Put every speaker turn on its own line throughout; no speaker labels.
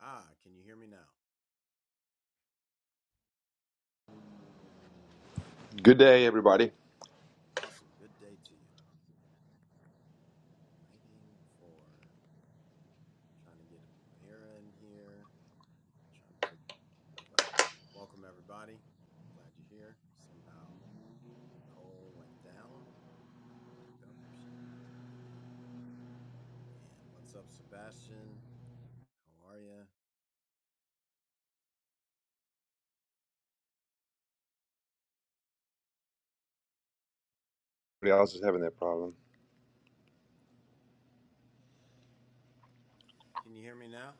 Ah, can you hear me now?
Good day, everybody.
Awesome. Good day to you. Waiting for trying to get Amira in here, trying to figure stuff out. Welcome everybody. Glad you're here. Somehow Nicole went down. Bring her back up if she comes back up. And what's up, Sebastian? How are you?
Everybody else is having that problem.
Can you hear me now?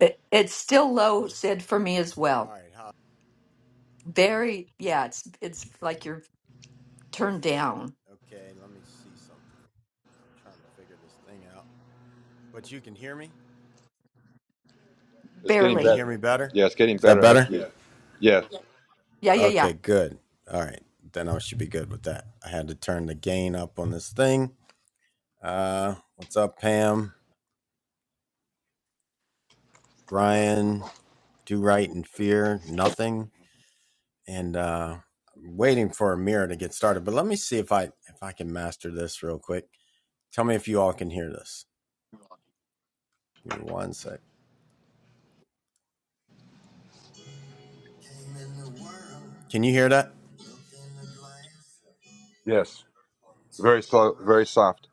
It, it's still low, Sid, for me as
All
well.
right. How?
Very, yeah, it's it's like you're turned down.
Okay. Let me see something. I'm trying to figure this thing out. But you can hear me.
It's getting
Can you
Barely.
hear
better.
me better?
Yeah, it's getting
Is that
better
better? Yeah.
as you. Yes,
Yeah, yeah, yeah.
Okay, good. All right. Then I should be good with that. I had to turn the gain up on this thing. Uh, what's up, Pam? Brian, do right and fear nothing. And uh, I'm waiting for a mirror to get started. But let me see if I if I can master this real quick. Tell me if you all can hear this. Give me one sec. Can you hear that?
yes. Very slow, very soft.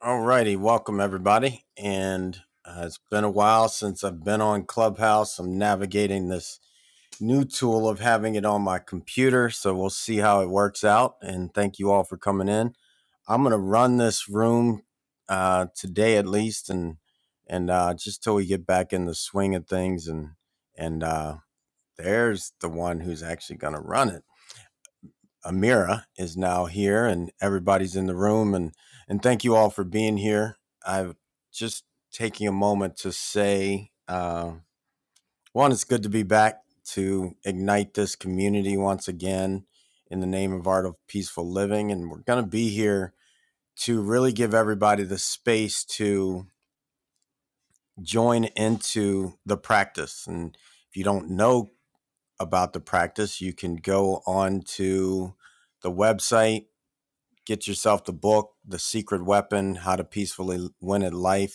All righty, welcome everybody. And uh, it's been a while since I've been on Clubhouse. I'm navigating this new tool of having it on my computer, so we'll see how it works out. And thank you all for coming in. I'm gonna run this room uh, today at least, and and uh, just till we get back in the swing of things. And and uh, there's the one who's actually gonna run it. Amira is now here and everybody's in the room and and thank you all for being here. I'm just taking a moment to say uh, one, it's good to be back to ignite this community once again in the name of art of peaceful living, and we're going to be here to really give everybody the space to join into the practice. And if you don't know about the practice, you can go on to the website Get yourself the book, The Secret Weapon How to Peacefully Win at Life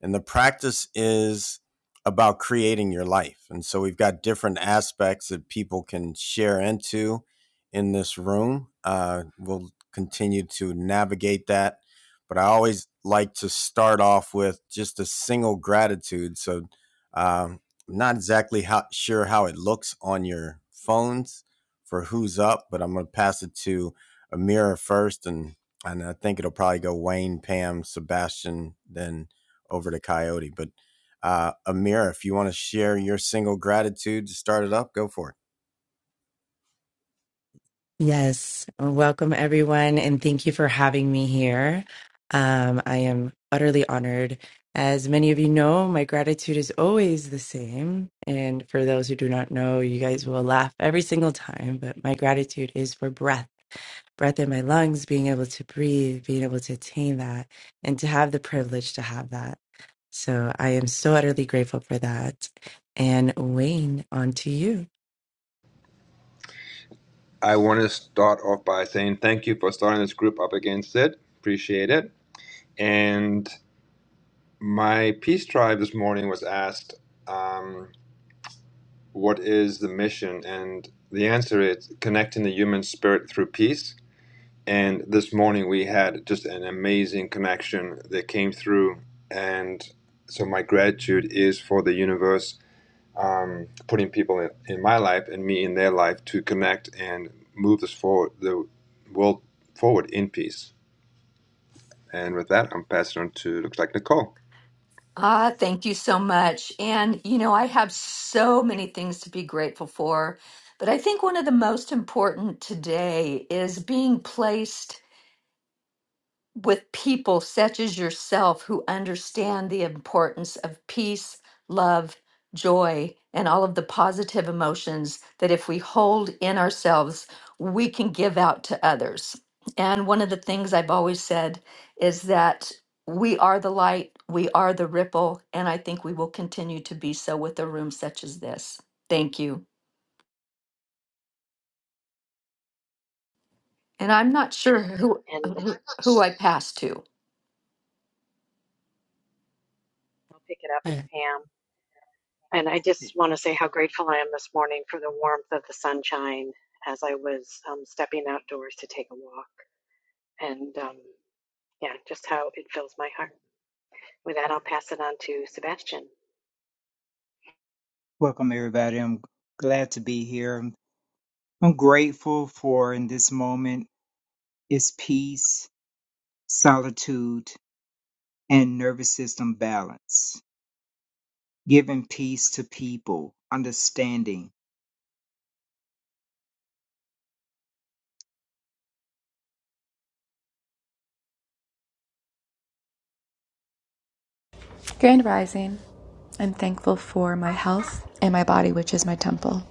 and the practice is about creating your life. And so we've got different aspects that people can share into in this room. Uh, we'll continue to navigate that. But I always like to start off with just a single gratitude. So um, I'm not exactly how, sure how it looks on your phones for who's up, but I'm going to pass it to Amira first. And, and I think it'll probably go Wayne, Pam, Sebastian, then over to Coyote. But uh, Amira, if you want to share your single gratitude to start it up, go for it.
Yes, welcome everyone, and thank you for having me here. Um, I am utterly honored. As many of you know, my gratitude is always the same. And for those who do not know, you guys will laugh every single time, but my gratitude is for breath, breath in my lungs, being able to breathe, being able to attain that, and to have the privilege to have that. So I am so utterly grateful for that. And Wayne, on to you.
I want to start off by saying thank you for starting this group up against it. Appreciate it. And my peace tribe this morning was asked, um, "What is the mission?" And the answer is connecting the human spirit through peace. And this morning we had just an amazing connection that came through. And so my gratitude is for the universe um, putting people in, in my life and me in their life to connect and move this forward, the world forward in peace. And with that, I'm passing on to looks like Nicole.
Ah, thank you so much. And you know, I have so many things to be grateful for, but I think one of the most important today is being placed with people such as yourself who understand the importance of peace, love, joy, and all of the positive emotions that if we hold in ourselves, we can give out to others. And one of the things I've always said is that we are the light, we are the ripple, and I think we will continue to be so with a room such as this. Thank you. And I'm not sure who
and
who, who I pass to.
I'll pick it up. It's
Uh,
Pam. And I just want to say how grateful I am this morning for the warmth of the sunshine as I was um, stepping outdoors to take a walk. And um, yeah, just how it fills my heart. With that, I'll pass it on to Sebastian.
Welcome, everybody. I'm glad to be here. I'm, I'm grateful for in this moment is peace, solitude, and nervous system balance, giving peace to people, understanding.
Grand Rising. I'm thankful for my health and my body, which is my temple.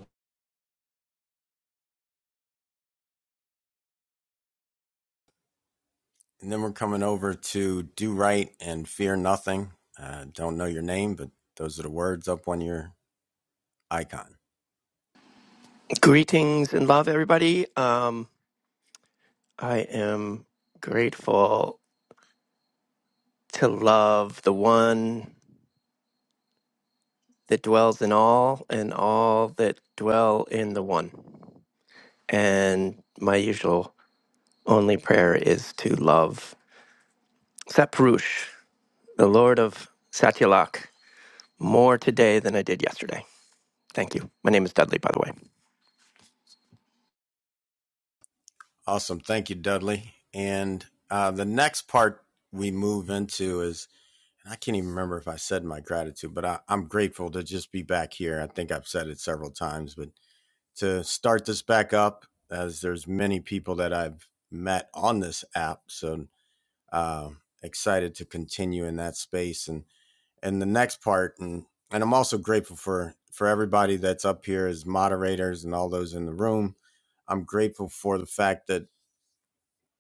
And then we're coming over to Do Right and Fear Nothing. Uh, don't know your name, but those are the words up on your icon.
Greetings and love, everybody. Um, I am grateful to love the one that dwells in all and all that dwell in the one. And my usual only prayer is to love Saprush, the Lord of Satyalak, more today than I did yesterday. Thank you. My name is Dudley, by the way.
Awesome. Thank you, Dudley. And uh, the next part we move into is, I can't even remember if I said my gratitude, but I, I'm grateful to just be back here. I think I've said it several times, but to start this back up as there's many people that I've met on this app. So uh, excited to continue in that space and and the next part and and I'm also grateful for for everybody that's up here as moderators and all those in the room. I'm grateful for the fact that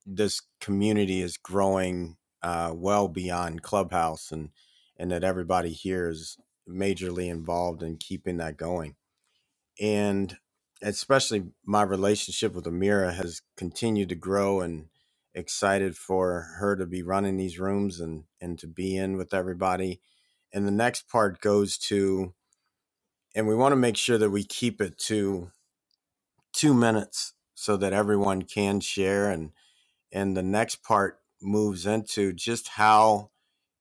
this community is growing uh, well beyond Clubhouse and and that everybody here is majorly involved in keeping that going and especially my relationship with Amira has continued to grow and excited for her to be running these rooms and and to be in with everybody. And the next part goes to and we want to make sure that we keep it to 2 minutes so that everyone can share and and the next part moves into just how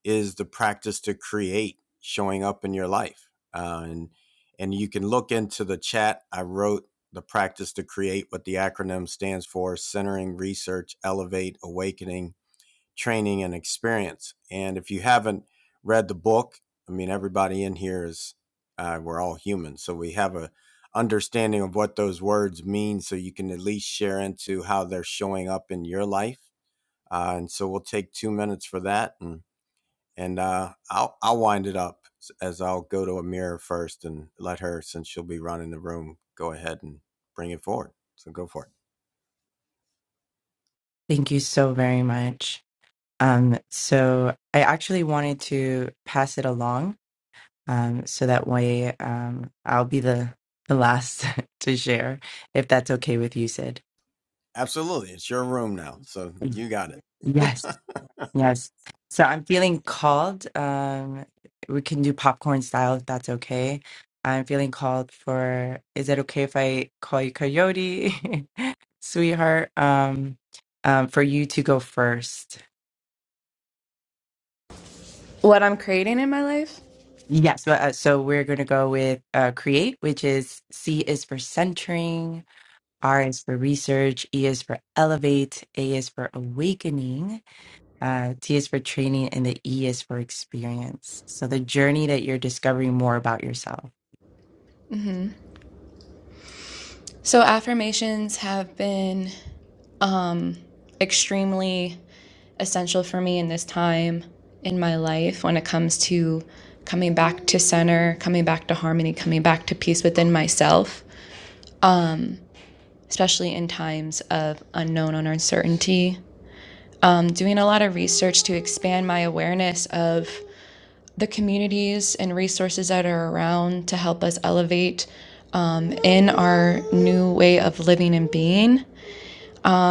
is the practice to create showing up in your life. Uh, and and you can look into the chat. I wrote the practice to create what the acronym stands for: centering, research, elevate, awakening, training, and experience. And if you haven't read the book, I mean, everybody in here is uh, we're all human, so we have a understanding of what those words mean, so you can at least share into how they're showing up in your life. Uh, and so we'll take two minutes for that and and uh, I'll I'll wind it up as I'll go to a mirror first and let her, since she'll be running the room, go ahead and bring it forward. So go for it.
Thank you so very much. Um, so I actually wanted to pass it along, um, so that way, um, I'll be the the last to share, if that's okay with you, Sid.
Absolutely, it's your room now, so you got it.
Yes, yes. So I'm feeling called. Um, we can do popcorn style if that's okay. I'm feeling called for, is it okay if I call you Coyote, sweetheart? Um, um, for you to go first.
What I'm creating in my life.
Yes, but, uh, so we're going to go with uh, create, which is C is for centering, R is for research, E is for elevate, A is for awakening, uh, T is for training, and the E is for experience. So the journey that you're discovering more about yourself.
So, affirmations have been um, extremely essential for me in this time in my life when it comes to coming back to center, coming back to harmony, coming back to peace within myself, especially in times of unknown or uncertainty. I'm doing a lot of research to expand my awareness of the communities and resources that are around to help us elevate um, in our new way of living and being,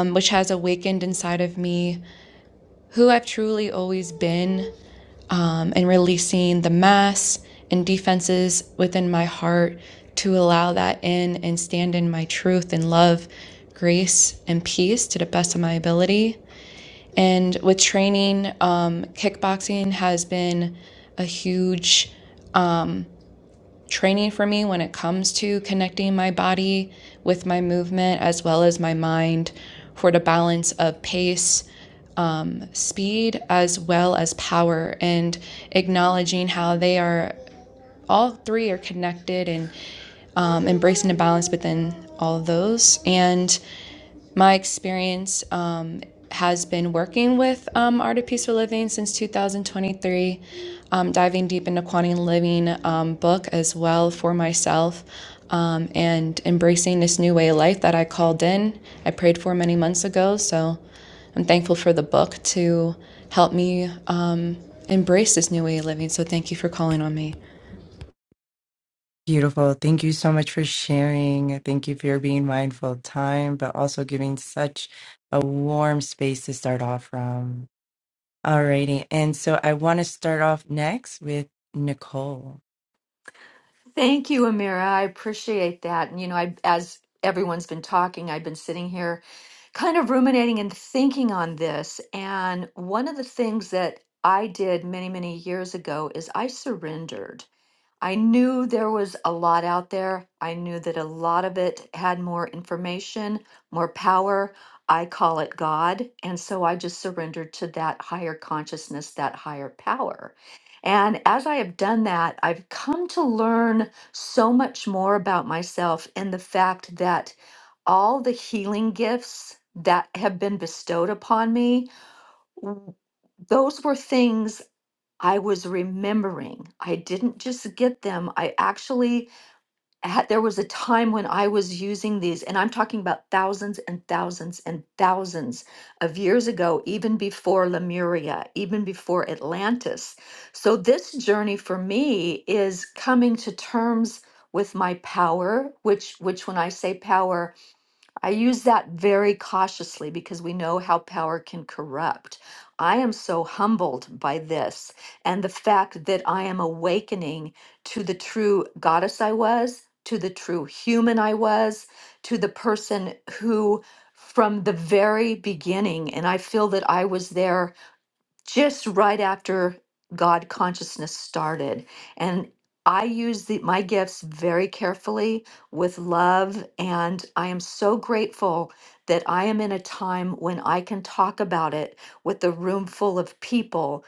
um, which has awakened inside of me who I've truly always been, um, and releasing the mass and defenses within my heart to allow that in and stand in my truth and love, grace, and peace to the best of my ability. And with training, um, kickboxing has been a huge training for me when it comes to connecting my body with my movement as well as my mind for the balance of pace, speed, as well as power, and acknowledging how they are all three are connected and um, embracing the balance within all of those. And my experience um, has been working with um, Art of Peaceful Living since 2023, um, diving deep into Quantum Living um, book as well for myself, um, and embracing this new way of life that I called in. I prayed for many months ago, so I'm thankful for the book to help me um, embrace this new way of living. So thank you for calling on me.
Beautiful. Thank you so much for sharing. Thank you for being mindful of time, but also giving such a warm space to start off from. Alrighty. And so I want to start off next with Nicole.
Thank you, Amira. I appreciate that. And you know, I as everyone's been talking, I've been sitting here kind of ruminating and thinking on this. And one of the things that I did many, many years ago is I surrendered. I knew there was a lot out there. I knew that a lot of it had more information, more power. I call it God. And so I just surrendered to that higher consciousness, that higher power. And as I have done that, I've come to learn so much more about myself and the fact that all the healing gifts that have been bestowed upon me, w- those were things I was remembering. I didn't just get them. I actually had, there was a time when I was using these, and I'm talking about thousands and thousands and thousands of years ago, even before Lemuria, even before Atlantis. So, this journey for me is coming to terms with my power which which when i say power I use that very cautiously because we know how power can corrupt. I am so humbled by this and the fact that I am awakening to the true goddess I was, to the true human I was, to the person who, from the very beginning, and I feel that I was there just right after God consciousness started. And I use the, my gifts very carefully with love. And I am so grateful that I am in a time when I can talk about it with a room full of people,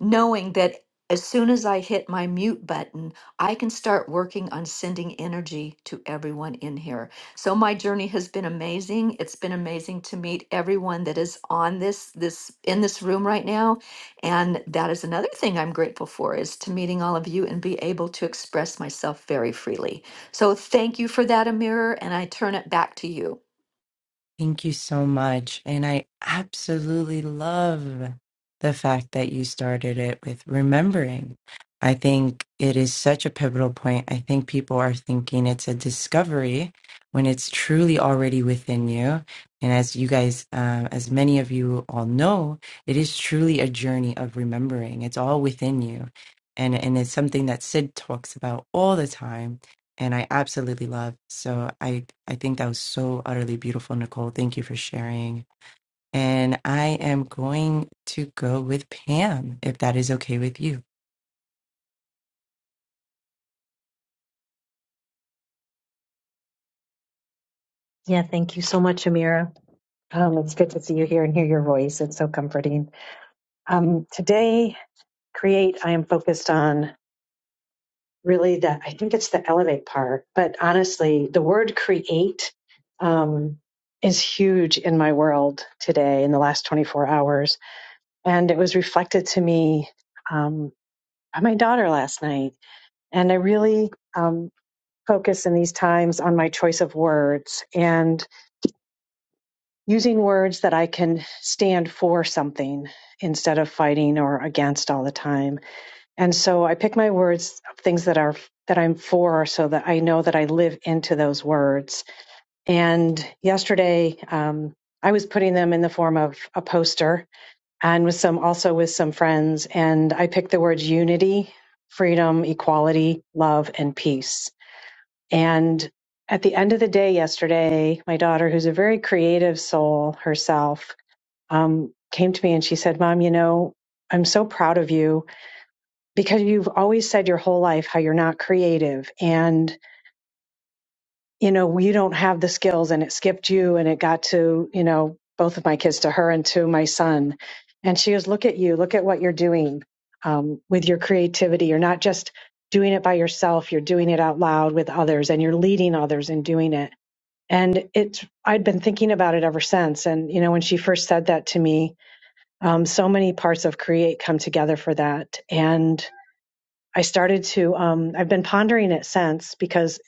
knowing that as soon as I hit my mute button, I can start working on sending energy to everyone in here. So my journey has been amazing. It's been amazing to meet everyone that is on this this in this room right now and that is another thing I'm grateful for is to meeting all of you and be able to express myself very freely. So thank you for that, Amir, and I turn it back to you.
Thank you so much. And I absolutely love the fact that you started it with remembering. I think it is such a pivotal point. I think people are thinking it's a discovery when it's truly already within you. And as you guys, uh, as many of you all know, it is truly a journey of remembering. It's all within you. And, and it's something that Sid talks about all the time and I absolutely love. So I I think that was so utterly beautiful, Nicole. Thank you for sharing. And I am going to go with Pam, if that is okay with you.
Yeah, thank you so much, Amira. Um, it's good to see you here and hear your voice. It's so comforting. Um, today, Create, I am focused on really the i think it's the elevate part but honestly the word create um, is huge in my world today in the last 24 hours and it was reflected to me um, by my daughter last night and i really um, focus in these times on my choice of words and using words that i can stand for something instead of fighting or against all the time And so I pick my words, things that are that I'm for, so that I know that I live into those words. And yesterday, um, I was putting them in the form of a poster, and with some also with some friends. And I picked the words unity, freedom, equality, love, and peace. And at the end of the day yesterday, my daughter, who's a very creative soul herself, um, came to me and she said, "Mom, you know, I'm so proud of you because you've always said your whole life how you're not creative and you know you don't have the skills and it skipped you and it got to you know both of my kids to her and to my son and she goes look at you look at what you're doing um, with your creativity you're not just doing it by yourself you're doing it out loud with others and you're leading others in doing it and it's i'd been thinking about it ever since and you know when she first said that to me um, so many parts of create come together for that and I started to, um, I've been pondering it since because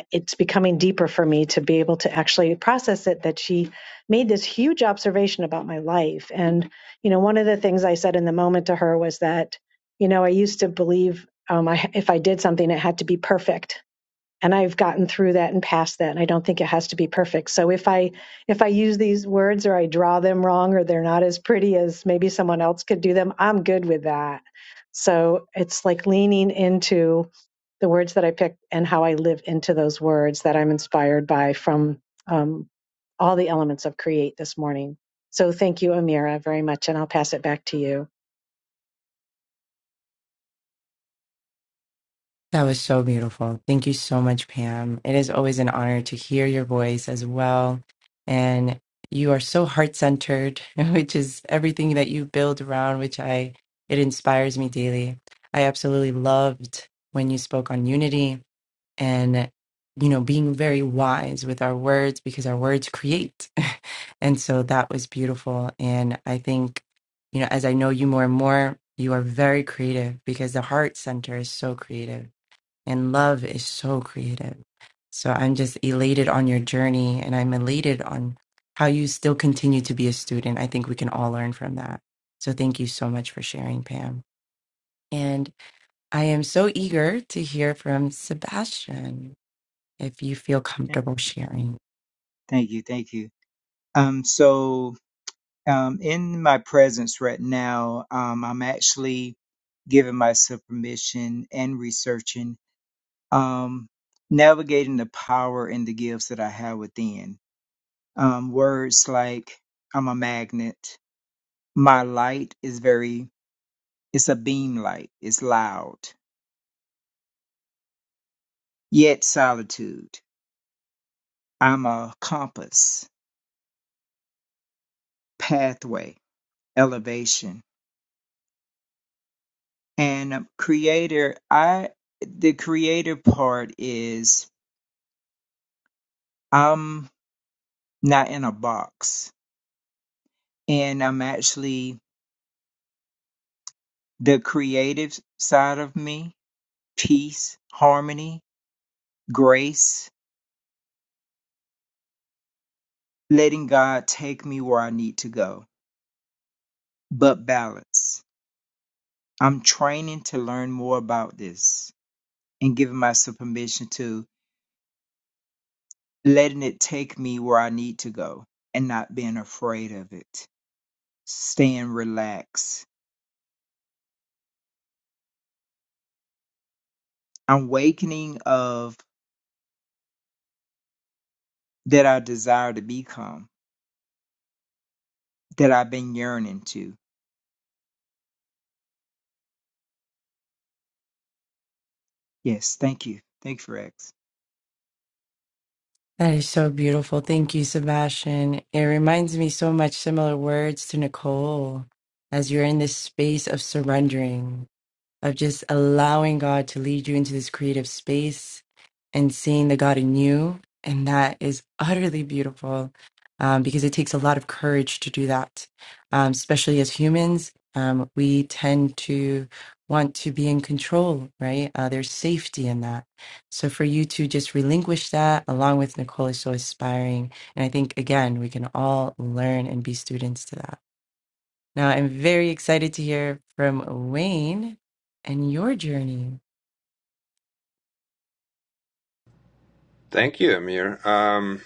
uh, it's becoming deeper for me to be able to actually process it that she made this huge observation about my life. And, you know, one of the things I said in the moment to her was that, you know, I used to believe um, I, if I did something, it had to be perfect and I've gotten through that and past that and I don't think it has to be perfect. So if I if I use these words or I draw them wrong or they're not as pretty as maybe someone else could do them, I'm good with that. So it's like leaning into the words that I pick and how I live into those words that I'm inspired by from um, all the elements of create this morning. So thank you, Amira, very much, and I'll pass it back to you.
That was so beautiful. Thank you so much, Pam. It is always an honor to hear your voice as well. And you are so heart centered, which is everything that you build around, which I, it inspires me daily. I absolutely loved when you spoke on unity and you know being very wise with our words because our words create and so that was beautiful and i think you know as i know you more and more you are very creative because the heart center is so creative and love is so creative so i'm just elated on your journey and i'm elated on how you still continue to be a student i think we can all learn from that so thank you so much for sharing pam and i am so eager to hear from sebastian if you feel comfortable sharing.
Thank you, thank you. Um, so, um, in my presence right now, um, I'm actually giving myself permission and researching, um, navigating the power and the gifts that I have within um, words like I'm a magnet. My light is very, it's a beam light, it's loud, yet solitude. I'm a compass, pathway, elevation. And um, creator, I, the creator part is I'm not in a box and I'm actually the creative side of me, peace, harmony, grace, letting God take me where I need to go but balance. I'm training to learn more about this and giving myself permission to letting it take me where I need to go and not being afraid of it. Staying relaxed. I'm wakening of that I desire to become, that I've been yearning to. Yes, thank you. Thank you, for X.
That is so beautiful. Thank you, Sebastian. It reminds me so much similar words to Nicole as you're in this space of surrendering. of just allowing God to lead you into this creative space and seeing the God in you. And that is utterly beautiful um, because it takes a lot of courage to do that, um, especially as humans. Um, we tend to want to be in control, right? Uh, there's safety in that. So for you to just relinquish that along with Nicole is so inspiring. And I think, again, we can all learn and be students to that. Now, I'm very excited to hear from Wayne and your journey.
Thank you, Amir. Um,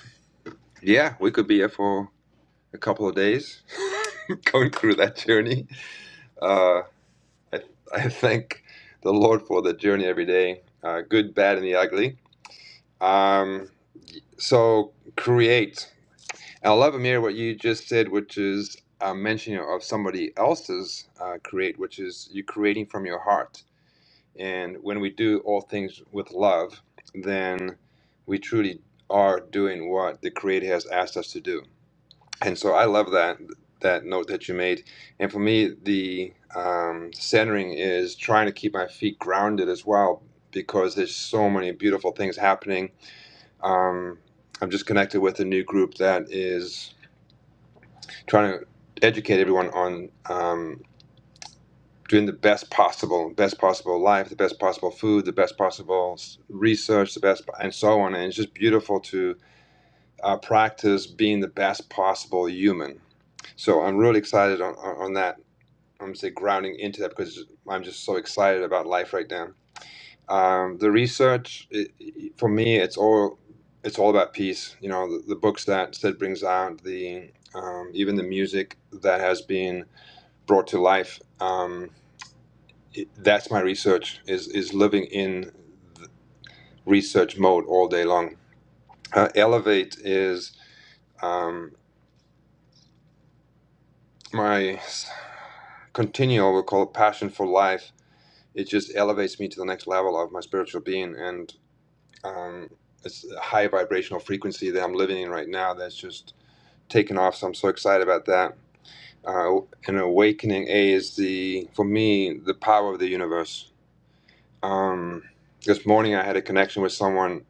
yeah, we could be here for a couple of days going through that journey. Uh, I, I thank the Lord for the journey every day, uh, good, bad, and the ugly Um, so create. And I love Amir what you just said, which is a mentioning of somebody else's uh, create, which is you creating from your heart. And when we do all things with love, then we truly are doing what the Creator has asked us to do. And so I love that that note that you made. And for me, the um, centering is trying to keep my feet grounded as well, because there's so many beautiful things happening um, I'm just connected with a new group that is trying to educate everyone on um, doing the best possible, best possible life, the best possible food, the best possible research, the best, and so on. And it's just beautiful to uh, practice being the best possible human. So I'm really excited on, on on that. I'm gonna say grounding into that because I'm just so excited about life right now. Um, the research, i i- for me, it's all it's all about peace. You know, the, the books that Sid brings out, the um, even the music that has been brought to life. Um, it, that's my research. Is is living in th- research mode all day long. Uh, Elevate is um, my s- continual, we call it passion for life. It just elevates me to the next level of my spiritual being, and um, it's a high vibrational frequency that I'm living in right now. That's just taken off, so I'm so excited about that. Uh, and awakening A is the for me the power of the universe. Um, this morning I had a connection with someone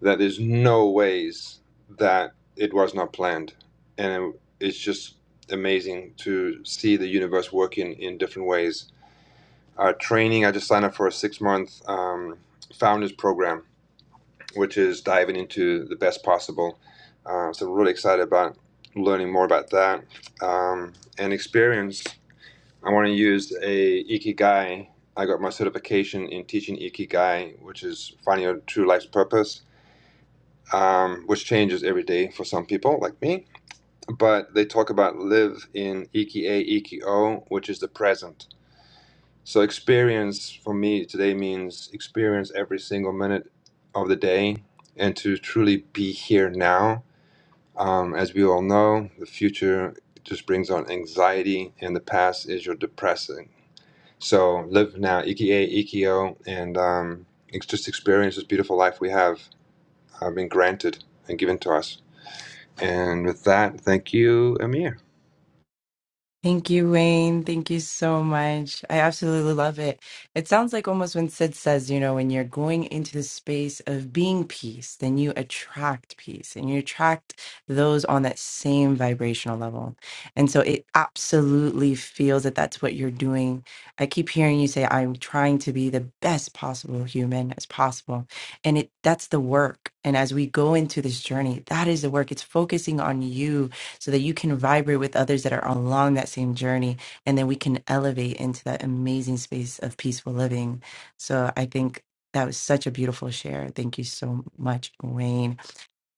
that is no ways that it was not planned, and it, it's just amazing to see the universe working in different ways. Uh, training I just signed up for a six month um, founders program which is diving into the best possible. Uh, so I'm really excited about learning more about that um, and experience. I want to use a ikigai. I got my certification in teaching ikigai, which is finding your true life's purpose, um, which changes every day for some people like me. But they talk about live in ikie ikio, which is the present. So experience for me today means experience every single minute of the day and to truly be here now. Um, as we all know, the future just brings on anxiety and the past is your depressing. So live now, Ikie, Ikio, and um, ex- just experience this beautiful life we have uh, been granted and given to us. And with that, thank you, Amir.
Thank you, Wayne. Thank you so much. I absolutely love it. It sounds like almost when Sid says, you know, when you're going into the space of being peace, then you attract peace and you attract those on that same vibrational level. And so it absolutely feels that that's what you're doing. I keep hearing you say, I'm trying to be the best possible human as possible. And it that's the work. And as we go into this journey, that is the work. It's focusing on you so that you can vibrate with others that are along that same journey. And then we can elevate into that amazing space of peaceful living. So I think that was such a beautiful share. Thank you so much, Wayne.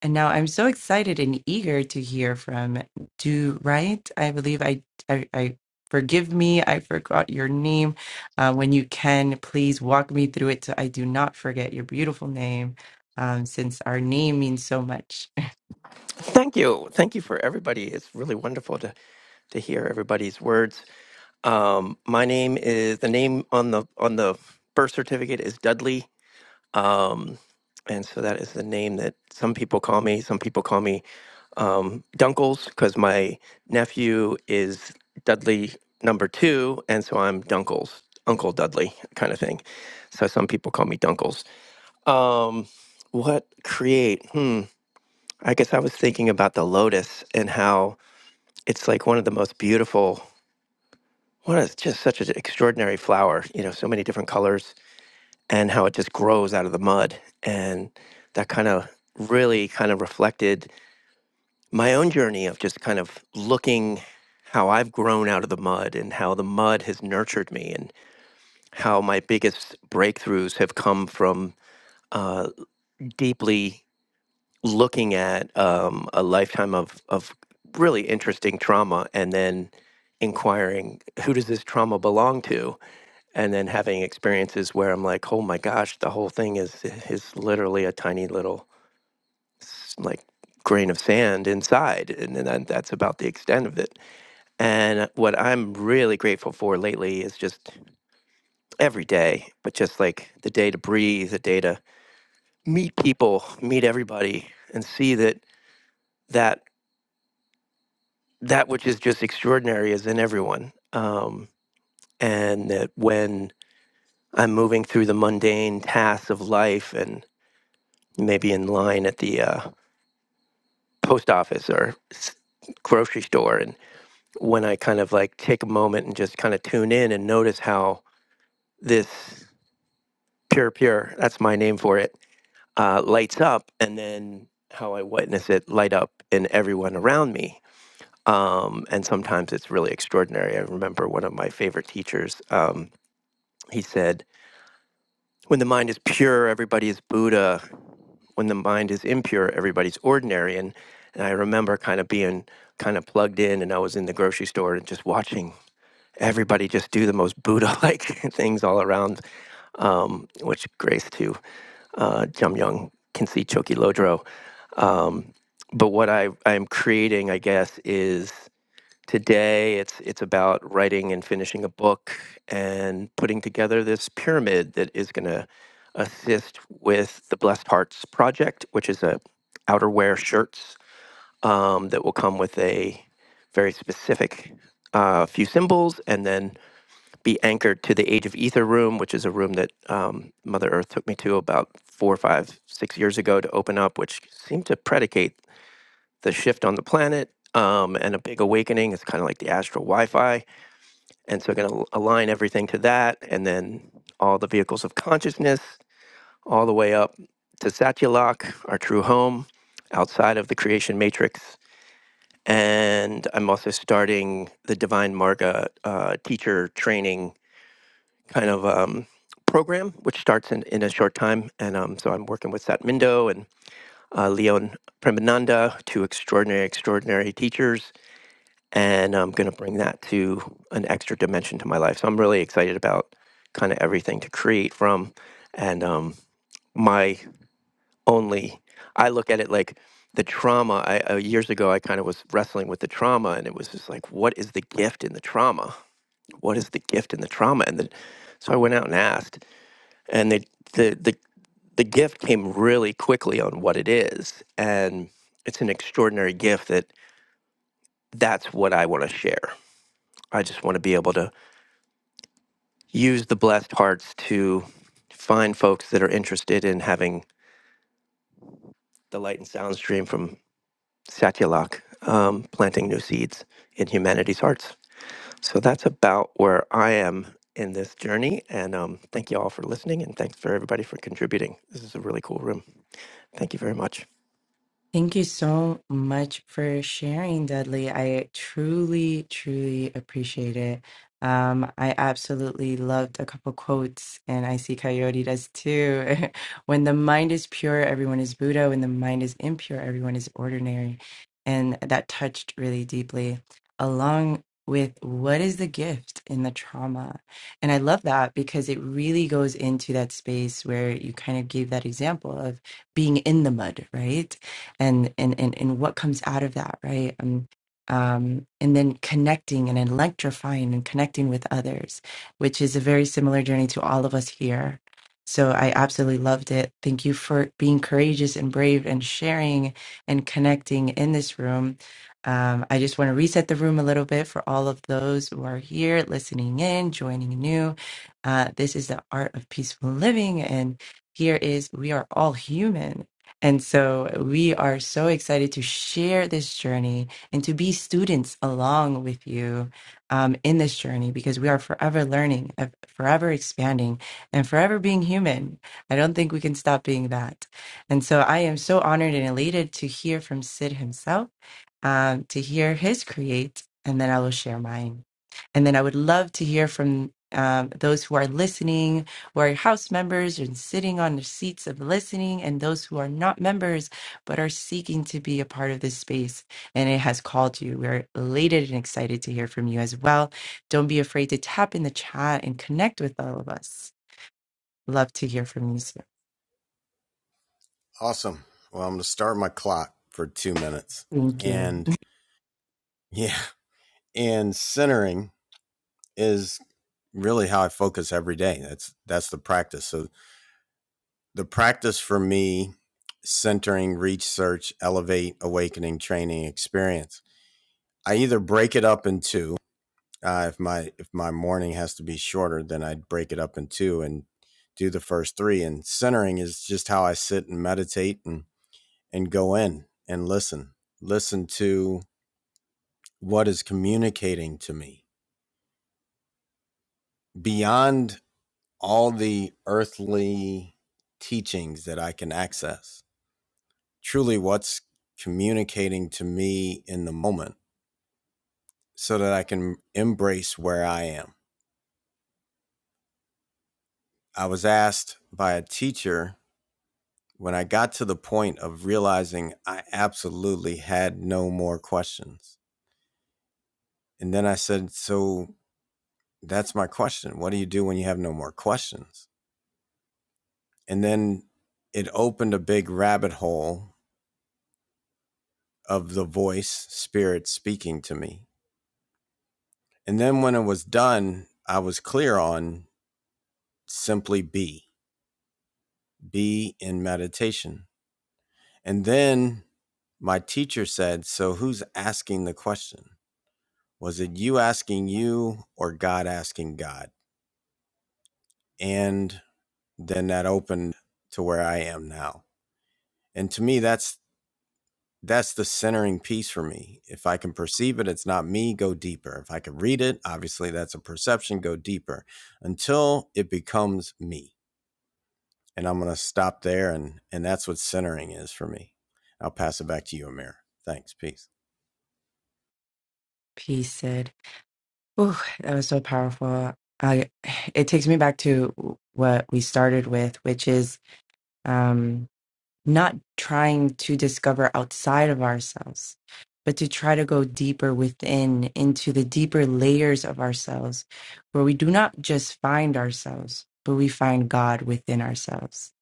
And now I'm so excited and eager to hear from Do Right. I believe I, I, I forgive me. I forgot your name. Uh, when you can, please walk me through it so I do not forget your beautiful name um, since our name means so much.
Thank you. Thank you for everybody. It's really wonderful to, to hear everybody's words Um, my name is the name on the on the birth certificate is Dudley. Um, and so that is the name that some people call me. Some people call me um, Dunkles because my nephew is Dudley number two, and so I'm Dunkles, Uncle Dudley kind of thing. So some people call me Dunkles. Um, what create? Hmm. I guess I was thinking about the lotus and how it's like one of the most beautiful. What a just such an extraordinary flower, you know, so many different colors and how it just grows out of the mud. And that kind of really kind of reflected my own journey of just kind of looking how I've grown out of the mud and how the mud has nurtured me and how my biggest breakthroughs have come from uh, deeply looking at um, a lifetime of, of really interesting trauma and then inquiring who does this trauma belong to and then having experiences where I'm like, oh my gosh, the whole thing is is literally a tiny little s- like grain of sand inside, and then that- that's about the extent of it. And what I'm really grateful for lately is just every day, but just like the day to breathe, the day to meet people, meet everybody, and see that that that which is just extraordinary is in everyone, um, and that when I'm moving through the mundane tasks of life and maybe in line at the uh, post office or s- grocery store. And when I kind of like take a moment and just kind of tune in and notice how this pure, pure, that's my name for it, uh, lights up, and then how I witness it light up in everyone around me. Um, and sometimes it's really extraordinary. I remember one of my favorite teachers, um, he said, When the mind is pure, everybody is Buddha. When the mind is impure, everybody's ordinary. And, and I remember kind of being kind of plugged in, and I was in the grocery store and just watching everybody just do the most Buddha like things all around, um, which grace to uh, Jum Young Kinsey Choki Lodro. Um, but what I, I'm creating, I guess, is Today, it's it's about writing and finishing a book and putting together this pyramid that is going to assist with the Blessed Hearts project, which is a outerwear shirts um, that will come with a very specific uh, few symbols and then be anchored to the Age of Ether room, which is a room that um, Mother Earth took me to about four, five, six years ago to open up, which seemed to predicate the shift on the planet um, and a big awakening. It's kind of like the astral Wi Fi. And so, we're going to align everything to that. And then all the vehicles of consciousness, all the way up to Satyalak, our true home outside of the creation matrix. And I'm also starting the Divine Marga uh, teacher training kind of um, program, which starts in, in a short time. And um, so I'm working with Satmindo and uh, Leon Premananda, two extraordinary, extraordinary teachers and I'm going to bring that to an extra dimension to my life. So I'm really excited about kind of everything to create from, and um, my only I look at it like the trauma. I uh, years ago I kind of was wrestling with the trauma, and it was just like, what is the gift in the trauma? What is the gift in the trauma? And the, so I went out and asked, and the the the the gift came really quickly on what it is, and it's an extraordinary gift that that's what I want to share. I just want to be able to use the blessed hearts to find folks that are interested in having the light and sound stream from Satyalak um, planting new seeds in humanity's hearts. So that's about where I am in this journey. And um, thank you all for listening. And thanks for everybody for contributing. This is a really cool room. Thank you very much.
Thank you so much for sharing, Dudley. I truly, truly appreciate it. Um, I absolutely loved a couple quotes, and I see Coyote does too. when the mind is pure, everyone is Buddha. When the mind is impure, everyone is ordinary. And that touched really deeply, along with what is the gift in the trauma. And I love that because it really goes into that space where you kind of gave that example of being in the mud, right? and and and, and what comes out of that right um, um, and then connecting and electrifying and connecting with others which is a very similar journey to all of us here so i absolutely loved it thank you for being courageous and brave and sharing and connecting in this room um, i just want to reset the room a little bit for all of those who are here listening in joining new uh, this is the art of peaceful living and here is we are all human and so we are so excited to share this journey and to be students along with you um, in this journey because we are forever learning, uh, forever expanding, and forever being human. I don't think we can stop being that. And so I am so honored and elated to hear from Sid himself, um, to hear his create, and then I will share mine. And then I would love to hear from um, those who are listening where house members are sitting on the seats of listening and those who are not members but are seeking to be a part of this space and it has called you we're elated and excited to hear from you as well don't be afraid to tap in the chat and connect with all of us love to hear from you soon
awesome. Well, I'm gonna start my clock for two minutes,
thank you
and yeah, and centering is really how I focus every day. That's that's the practice. So the practice for me centering research, elevate awakening training experience i either break it up in two uh, if my if my morning has to be shorter then i'd break it up in two and do the first three and centering is just how i sit and meditate and and go in and listen listen to what is communicating to me beyond all the earthly teachings that i can access truly what's communicating to me in the moment so that I can embrace where I am. I was asked by a teacher when I got to the point of realizing I absolutely had no more questions. And then I said, So that's my question. What do you do when you have no more questions? And then it opened a big rabbit hole of the voice, spirit speaking to me. And then when it was done, I was clear on simply be be in meditation. And then my teacher said, So who's asking the question? Was it you asking you or God asking God? And then that opened to where I am now. And to me, that's that's the centering piece for me. If I can perceive it, it's not me, go deeper. If I can read it, obviously that's a perception, go deeper until it becomes me. and I'm going to stop there. And, and that's what centering is for me. I'll pass it back to you, Amir. Thanks. Peace.
peace sid Ooh, that was so powerful i it takes me back to what we started with which is um, not trying to discover outside of ourselves, but to try to go deeper within into the deeper layers of ourselves, where we do not just find ourselves, but we find God within ourselves.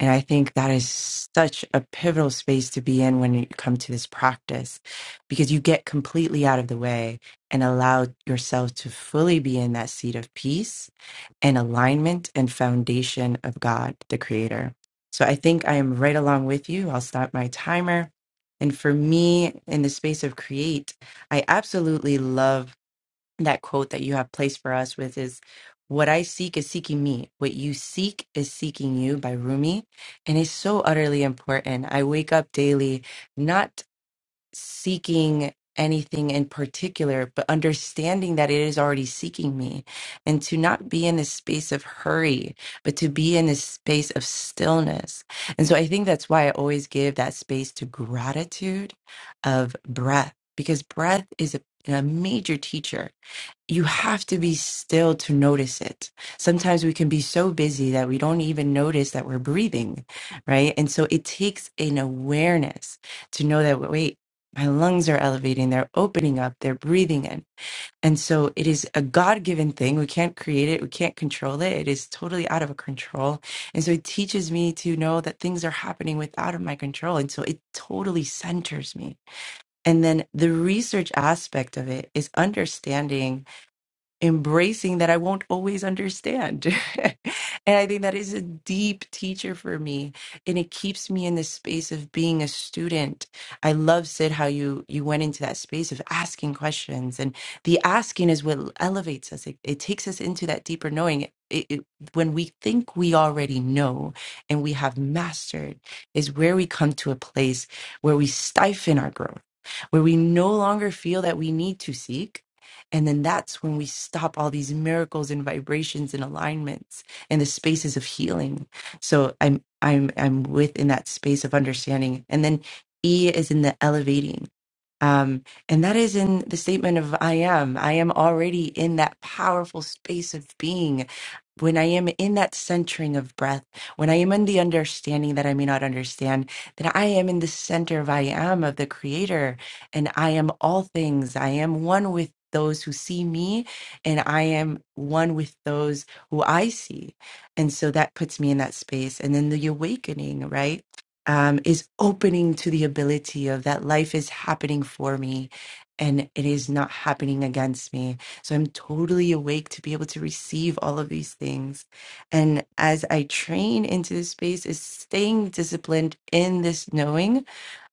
And I think that is such a pivotal space to be in when you come to this practice, because you get completely out of the way and allow yourself to fully be in that seat of peace and alignment and foundation of God, the Creator. So I think I am right along with you. I'll stop my timer. And for me, in the space of create, I absolutely love that quote that you have placed for us with is what I seek is seeking me. What you seek is seeking you by Rumi. And it's so utterly important. I wake up daily not seeking anything in particular, but understanding that it is already seeking me and to not be in this space of hurry, but to be in this space of stillness. And so I think that's why I always give that space to gratitude of breath, because breath is a, a major teacher you have to be still to notice it. Sometimes we can be so busy that we don't even notice that we're breathing, right? And so it takes an awareness to know that, wait, my lungs are elevating, they're opening up, they're breathing in. And so it is a God given thing. We can't create it, we can't control it. It is totally out of our control. And so it teaches me to know that things are happening without of my control. And so it totally centers me. And then the research aspect of it is understanding embracing that I won't always understand. and I think that is a deep teacher for me. And it keeps me in the space of being a student. I love Sid how you you went into that space of asking questions. And the asking is what elevates us. It, it takes us into that deeper knowing. It, it, when we think we already know and we have mastered, is where we come to a place where we stifle our growth, where we no longer feel that we need to seek, and then that's when we stop all these miracles and vibrations and alignments and the spaces of healing. So I'm I'm I'm within that space of understanding. And then E is in the elevating. Um, and that is in the statement of I am. I am already in that powerful space of being. When I am in that centering of breath, when I am in the understanding that I may not understand, that I am in the center of I am of the Creator, and I am all things. I am one with those who see me, and I am one with those who I see. And so that puts me in that space. And then the awakening, right? um, is opening to the ability of that life is happening for me and it is not happening against me. So I'm totally awake to be able to receive all of these things. And as I train into this space, is staying disciplined in this knowing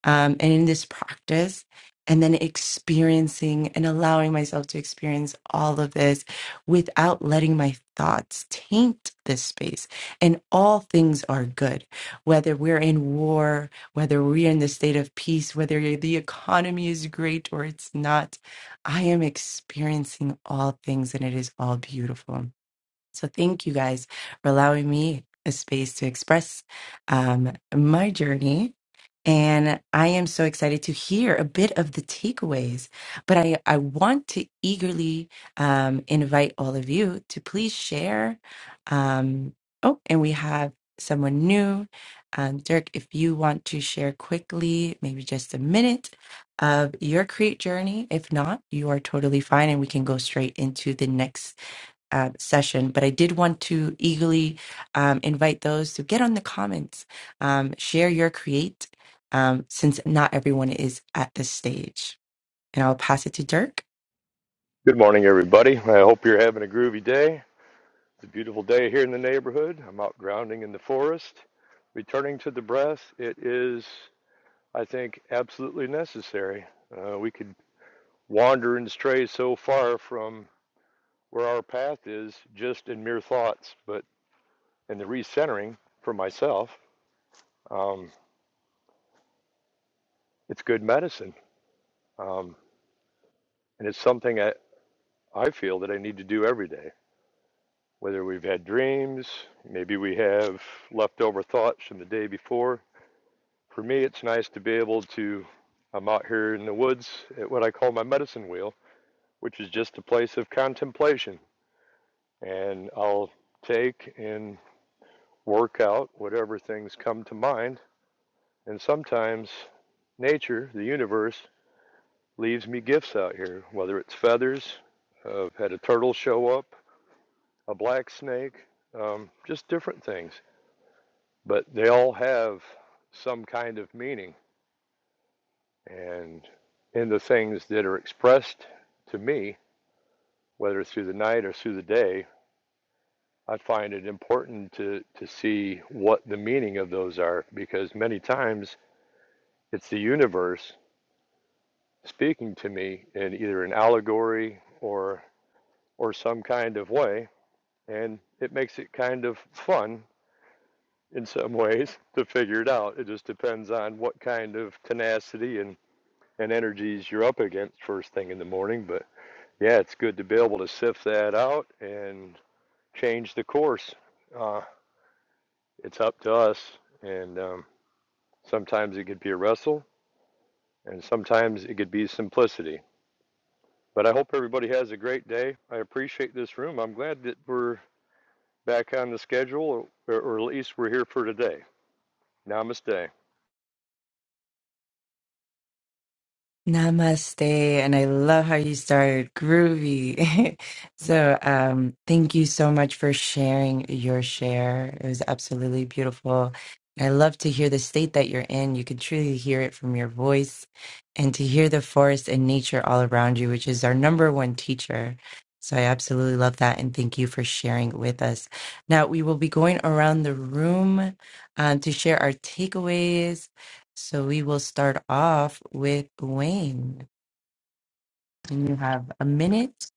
um, and in this practice, and then experiencing and allowing myself to experience all of this without letting my thoughts taint this space. And all things are good, whether we're in war, whether we're in the state of peace, whether the economy is great or it's not. I am experiencing all things, and it is all beautiful. So, thank you guys for allowing me a space to express um, my journey and I am so excited to hear a bit of the takeaways. But I, I want to eagerly um, invite all of you to please share. Um, oh, and we have someone new. Um, Dirk, if you want to share quickly, maybe just a minute of your create journey. If not, you are totally fine and we can go straight into the next uh, session, but I did want to eagerly um, invite those to get on the comments, um, share your create, um, since not everyone is at this stage. And I'll pass it to Dirk.
Good morning, everybody. I hope you're having a groovy day. It's a beautiful day here in the neighborhood. I'm out grounding in the forest. Returning to the breath, it is, I think, absolutely necessary. Uh, we could wander and stray so far from where our path is just in mere thoughts, but in the recentering for myself, um, it's good medicine. Um, and it's something I, I feel that I need to do every day. whether we've had dreams, maybe we have leftover thoughts from the day before. For me, it's nice to be able to. I'm out here in the woods at what I call my medicine wheel, which is just a place of contemplation. And I'll take and work out whatever things come to mind. And sometimes nature, the universe, leaves me gifts out here, whether it's feathers, I've had a turtle show up, a black snake, um, just different things. but they all have some kind of meaning. And in the things that are expressed to me, whether through the night or through the day, I find it important to, to see what the meaning of those are because many times it's the universe speaking to me in either an allegory or or some kind of way. And it makes it kind of fun in some ways to figure it out. It just depends on what kind of tenacity and and energies you're up against first thing in the morning. But yeah, it's good to be able to sift that out and change the course. Uh, it's up to us, and um, sometimes it could be a wrestle, and sometimes it could be simplicity. But I hope everybody has a great day. I appreciate this room. I'm glad that we're back on the schedule, or, or at least we're here for today. Namaste.
Namaste, and I love how you started groovy. so, um, thank you so much for sharing your share. It was absolutely beautiful. I love to hear the state that you're in. You can truly hear it from your voice and to hear the forest and nature all around you, which is our number one teacher. So, I absolutely love that. And thank you for sharing with us. Now, we will be going around the room um, to share our takeaways so we will start off with Wayne. And you have a minute.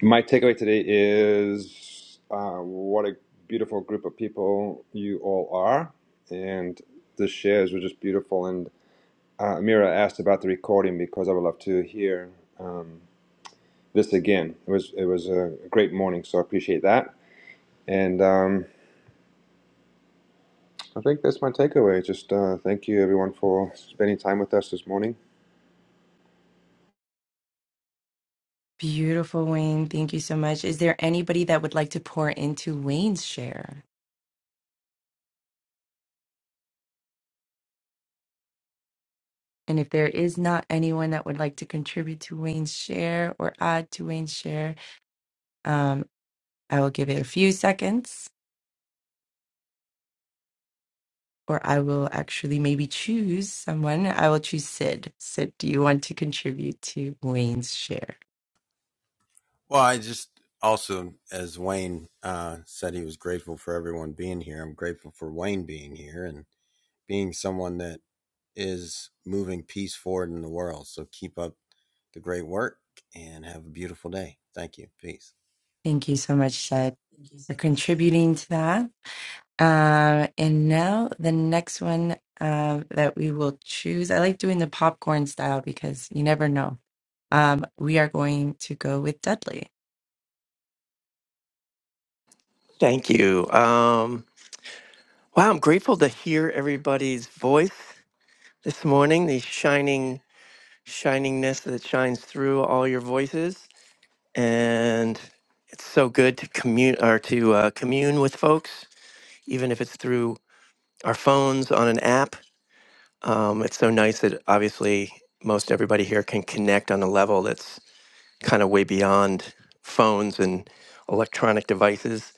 My takeaway today is uh, what a beautiful group of people you all are, and the shares were just beautiful. And uh, Amira asked about the recording because I would love to hear um, this again. It was it was a great morning, so I appreciate that. And um, I think that's my takeaway. Just uh, thank you everyone for spending time with us this morning.
Beautiful, Wayne. Thank you so much. Is there anybody that would like to pour into Wayne's share? And if there is not anyone that would like to contribute to Wayne's share or add to Wayne's share, um, I will give it a few seconds or I will actually maybe choose someone. I will choose Sid. Sid, do you want to contribute to Wayne's share?
Well, I just also, as Wayne uh, said, he was grateful for everyone being here. I'm grateful for Wayne being here and being someone that is moving peace forward in the world. So keep up the great work and have a beautiful day. Thank you. Peace.
Thank you so much, Sid, for contributing to that. Uh, and now the next one uh, that we will choose, I like doing the popcorn style because you never know. Um, we are going to go with Dudley.
Thank you. Um, wow, I'm grateful to hear everybody's voice this morning, the shining shiningness that shines through all your voices. And it's so good to commute or to uh, commune with folks, even if it's through our phones on an app. Um, it's so nice that obviously most everybody here can connect on a level that's kind of way beyond phones and electronic devices.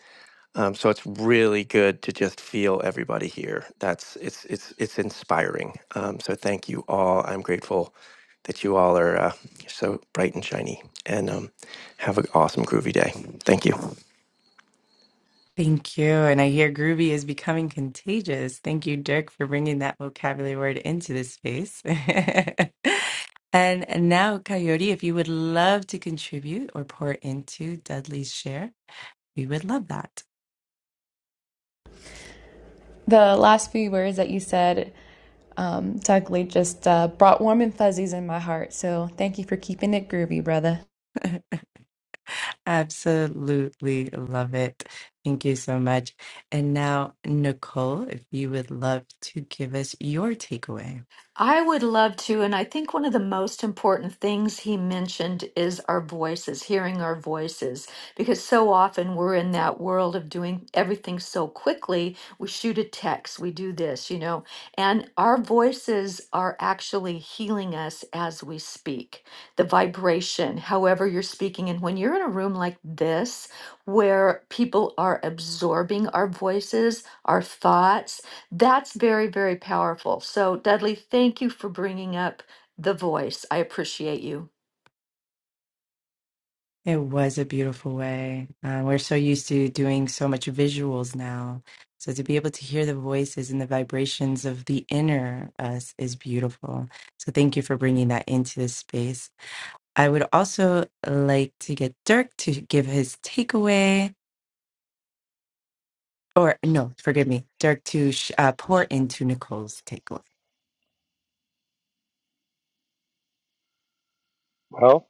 Um, so it's really good to just feel everybody here. That's it's it's it's inspiring. Um, so thank you all. I'm grateful that you all are uh, so bright and shiny, and um, have an awesome groovy day. Thank you.
Thank you. And I hear groovy is becoming contagious. Thank you, Dirk, for bringing that vocabulary word into this space. And now, Coyote, if you would love to contribute or pour into Dudley's share, we would love that.
The last few words that you said, um, Doug Lee, just uh, brought warm and fuzzies in my heart. So thank you for keeping it groovy, brother.
Absolutely love it. Thank you so much. And now, Nicole, if you would love to give us your takeaway.
I would love to. And I think one of the most important things he mentioned is our voices, hearing our voices, because so often we're in that world of doing everything so quickly. We shoot a text, we do this, you know, and our voices are actually healing us as we speak. The vibration, however you're speaking. And when you're in a room like this, where people are absorbing our voices, our thoughts, that's very, very powerful. So, Dudley, thank you for bringing up the voice. I appreciate you.
It was a beautiful way. Uh, we're so used to doing so much visuals now. So to be able to hear the voices and the vibrations of the inner us is beautiful. So thank you for bringing that into this space. I would also like to get Dirk to give his takeaway, or no, forgive me, Dirk to sh- uh, pour into Nicole's takeaway.
Well,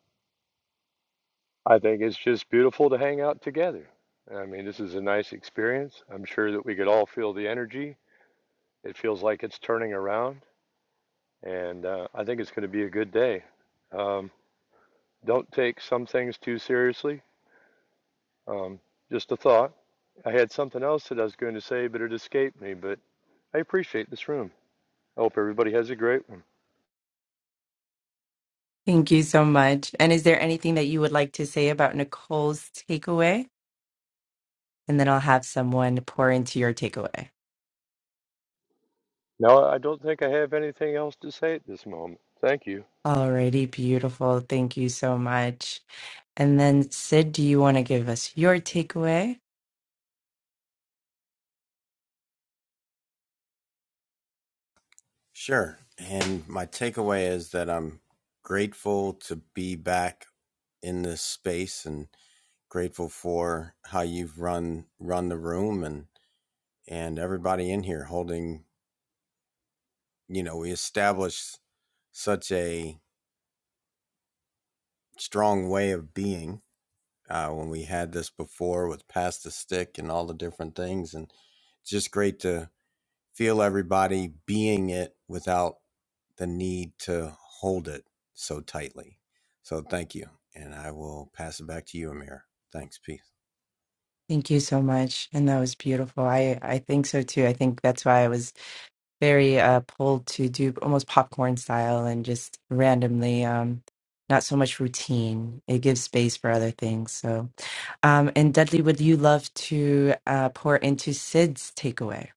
I think it's just beautiful to hang out together. I mean, this is a nice experience. I'm sure that we could all feel the energy It feels like it's turning around, and uh, I think it's going to be a good day. Um, don't take some things too seriously. Um, just a thought. I had something else that I was going to say, but it escaped me. But I appreciate this room. I hope everybody has a great one.
Thank you so much. And is there anything that you would like to say about Nicole's takeaway? And then I'll have someone pour into your takeaway.
No, I don't think I have anything else to say at this moment. Thank you.
Alrighty, beautiful. Thank you so much. And then Sid, do you want to give us your takeaway?
Sure. And my takeaway is that I'm grateful to be back in this space and grateful for how you've run run the room and and everybody in here holding you know we established such a strong way of being uh, when we had this before with pass the stick and all the different things and it's just great to feel everybody being it without the need to hold it so tightly so thank you and i will pass it back to you amir thanks peace
Thank you so much. And that was beautiful. I, I think so too. I think that's why I was very uh, pulled to do almost popcorn style and just randomly, um, not so much routine. It gives space for other things. So Um, and Dudley, would you love to uh, pour into Sid's takeaway?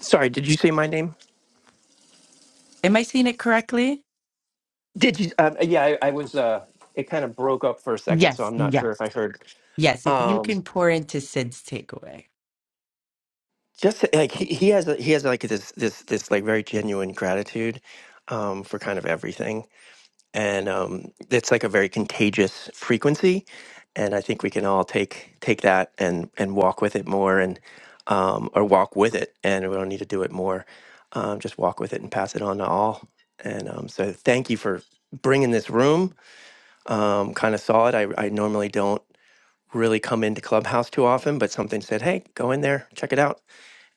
Sorry, did you say my name?
Am I seeing it correctly?
Did you? Um, yeah, I, I was. Uh, it kind of broke up for a second, so
Yes,
I'm not
yeah.
sure if I heard.
Yes, if you
Um,
can pour into Sid's takeaway.
just like he, he has, a, he has like this, this, this like very genuine gratitude um, for kind of everything, and um, it's like a very contagious frequency. And I think we can all take take that and and walk with it more, and um, or walk with it, and we don't need to do it more. Um, just walk with it and pass it on to all. And um, so, thank you for bringing this room um, kind of saw it. I, I normally don't really come into Clubhouse too often, but something said, hey, go in there, check it out.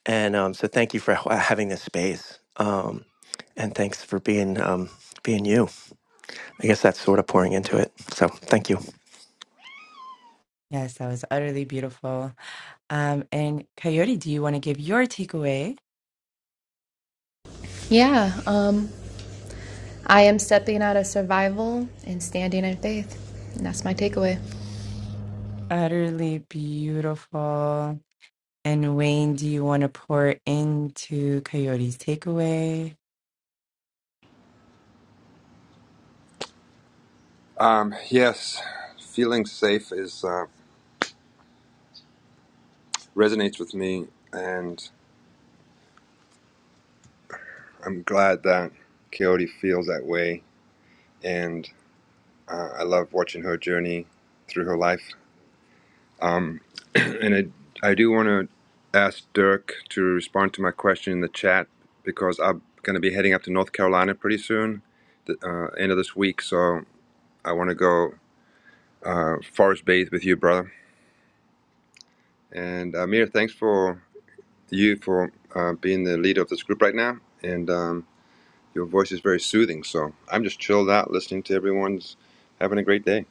And um, so thank you for h- uh, having this space. Um, and thanks for being um, being you. I guess that's sort of pouring into it. So thank you.
Yes, that was utterly beautiful. Um, and Coyote, do you want to give your takeaway?
Yeah, um, I am stepping out of survival and standing in faith. And that's my takeaway.
Utterly beautiful. And Wayne, do you want to pour into Coyote's takeaway?
Um, yes, feeling safe is uh, resonates with me, and I'm glad that Coyote feels that way and uh, I love watching her journey through her life. Um, and I, I do want to ask Dirk to respond to my question in the chat because I'm going to be heading up to North Carolina pretty soon, the uh, end of this week. So I want to go uh, forest bathe with you, brother. And uh, Amir, thanks for you for uh, being the leader of this group right now. And um, your voice is very soothing. So I'm just chilled out listening to everyone's having a great day.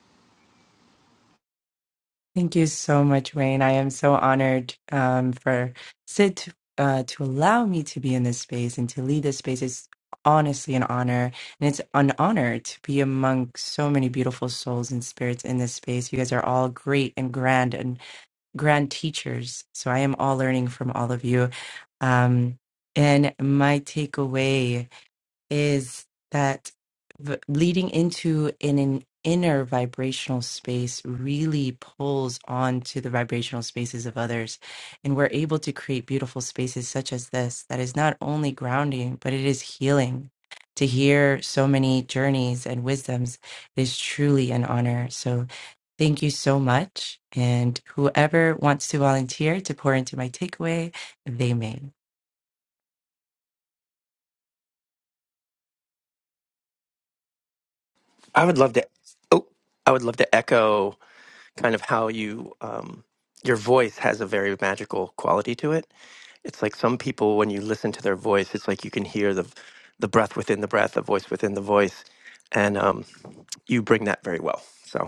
Thank you so much, Wayne. I am so honored um, for Sid to, uh, to allow me to be in this space and to lead this space. It's honestly an honor, and it's an honor to be among so many beautiful souls and spirits in this space. You guys are all great and grand and grand teachers. So I am all learning from all of you. Um, and my takeaway is that v- leading into an, an inner vibrational space really pulls on to the vibrational spaces of others and we're able to create beautiful spaces such as this that is not only grounding but it is healing to hear so many journeys and wisdoms is truly an honor so thank you so much and whoever wants to volunteer to pour into my takeaway they may
I would love to. Oh, I would love to echo kind of how you um, your voice has a very magical quality to it. It's like some people when you listen to their voice, it's like you can hear the the breath within the breath, the voice within the voice, and um, you bring that very well. So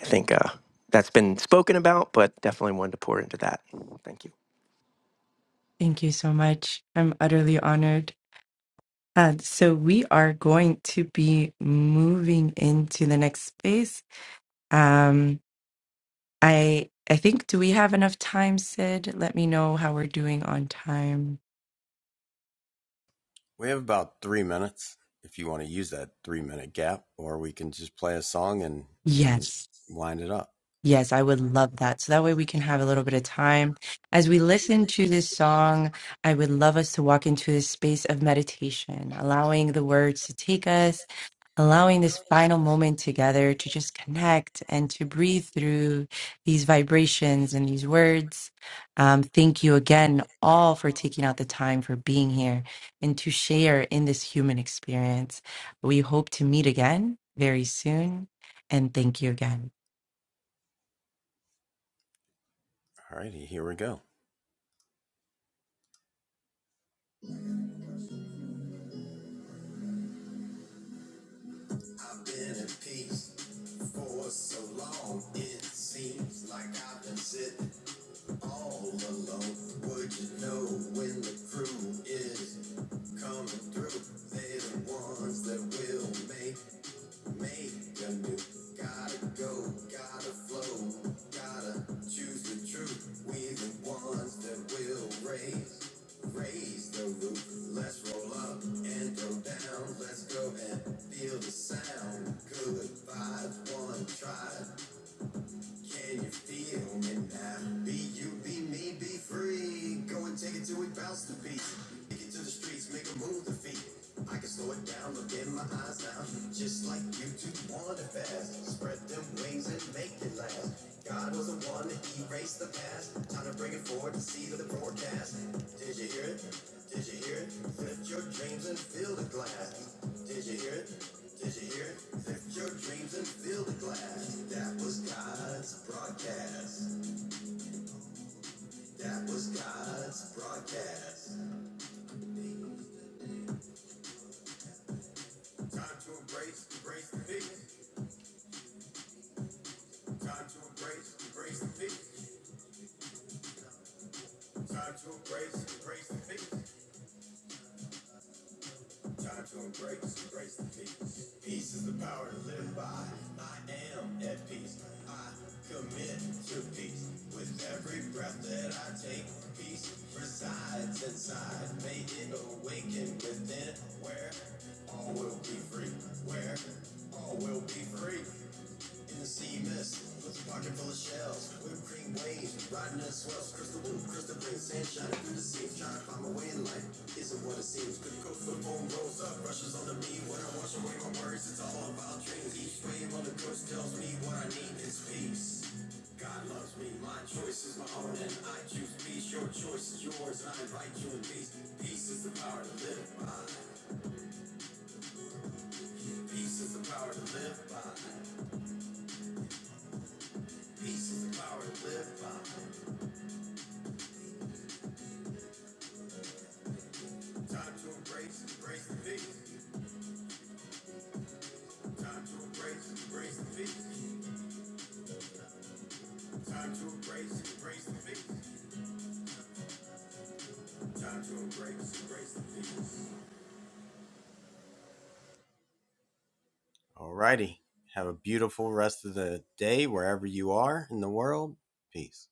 I think uh, that's been spoken about, but definitely wanted to pour into that. Thank you.
thank you so much i'm utterly honored And so we are going to be moving into the next space. Um, I I think do we have enough time, Sid? Let me know how we're doing on time.
We have about three minutes if you want to use that three minute gap, or we can just play a song and and
Yes.
wind it up.
Yes, I would love that. So that way we can have a little bit of time. As we listen to this song, I would love us to walk into this space of meditation, allowing the words to take us, allowing this final moment together to just connect and to breathe through these vibrations and these words. Um, thank you again, all, for taking out the time for being here and to share in this human experience. We hope to meet again very soon. And thank you again.
All righty, here we go. All righty. Have a beautiful rest of the day wherever you are in the world. Peace.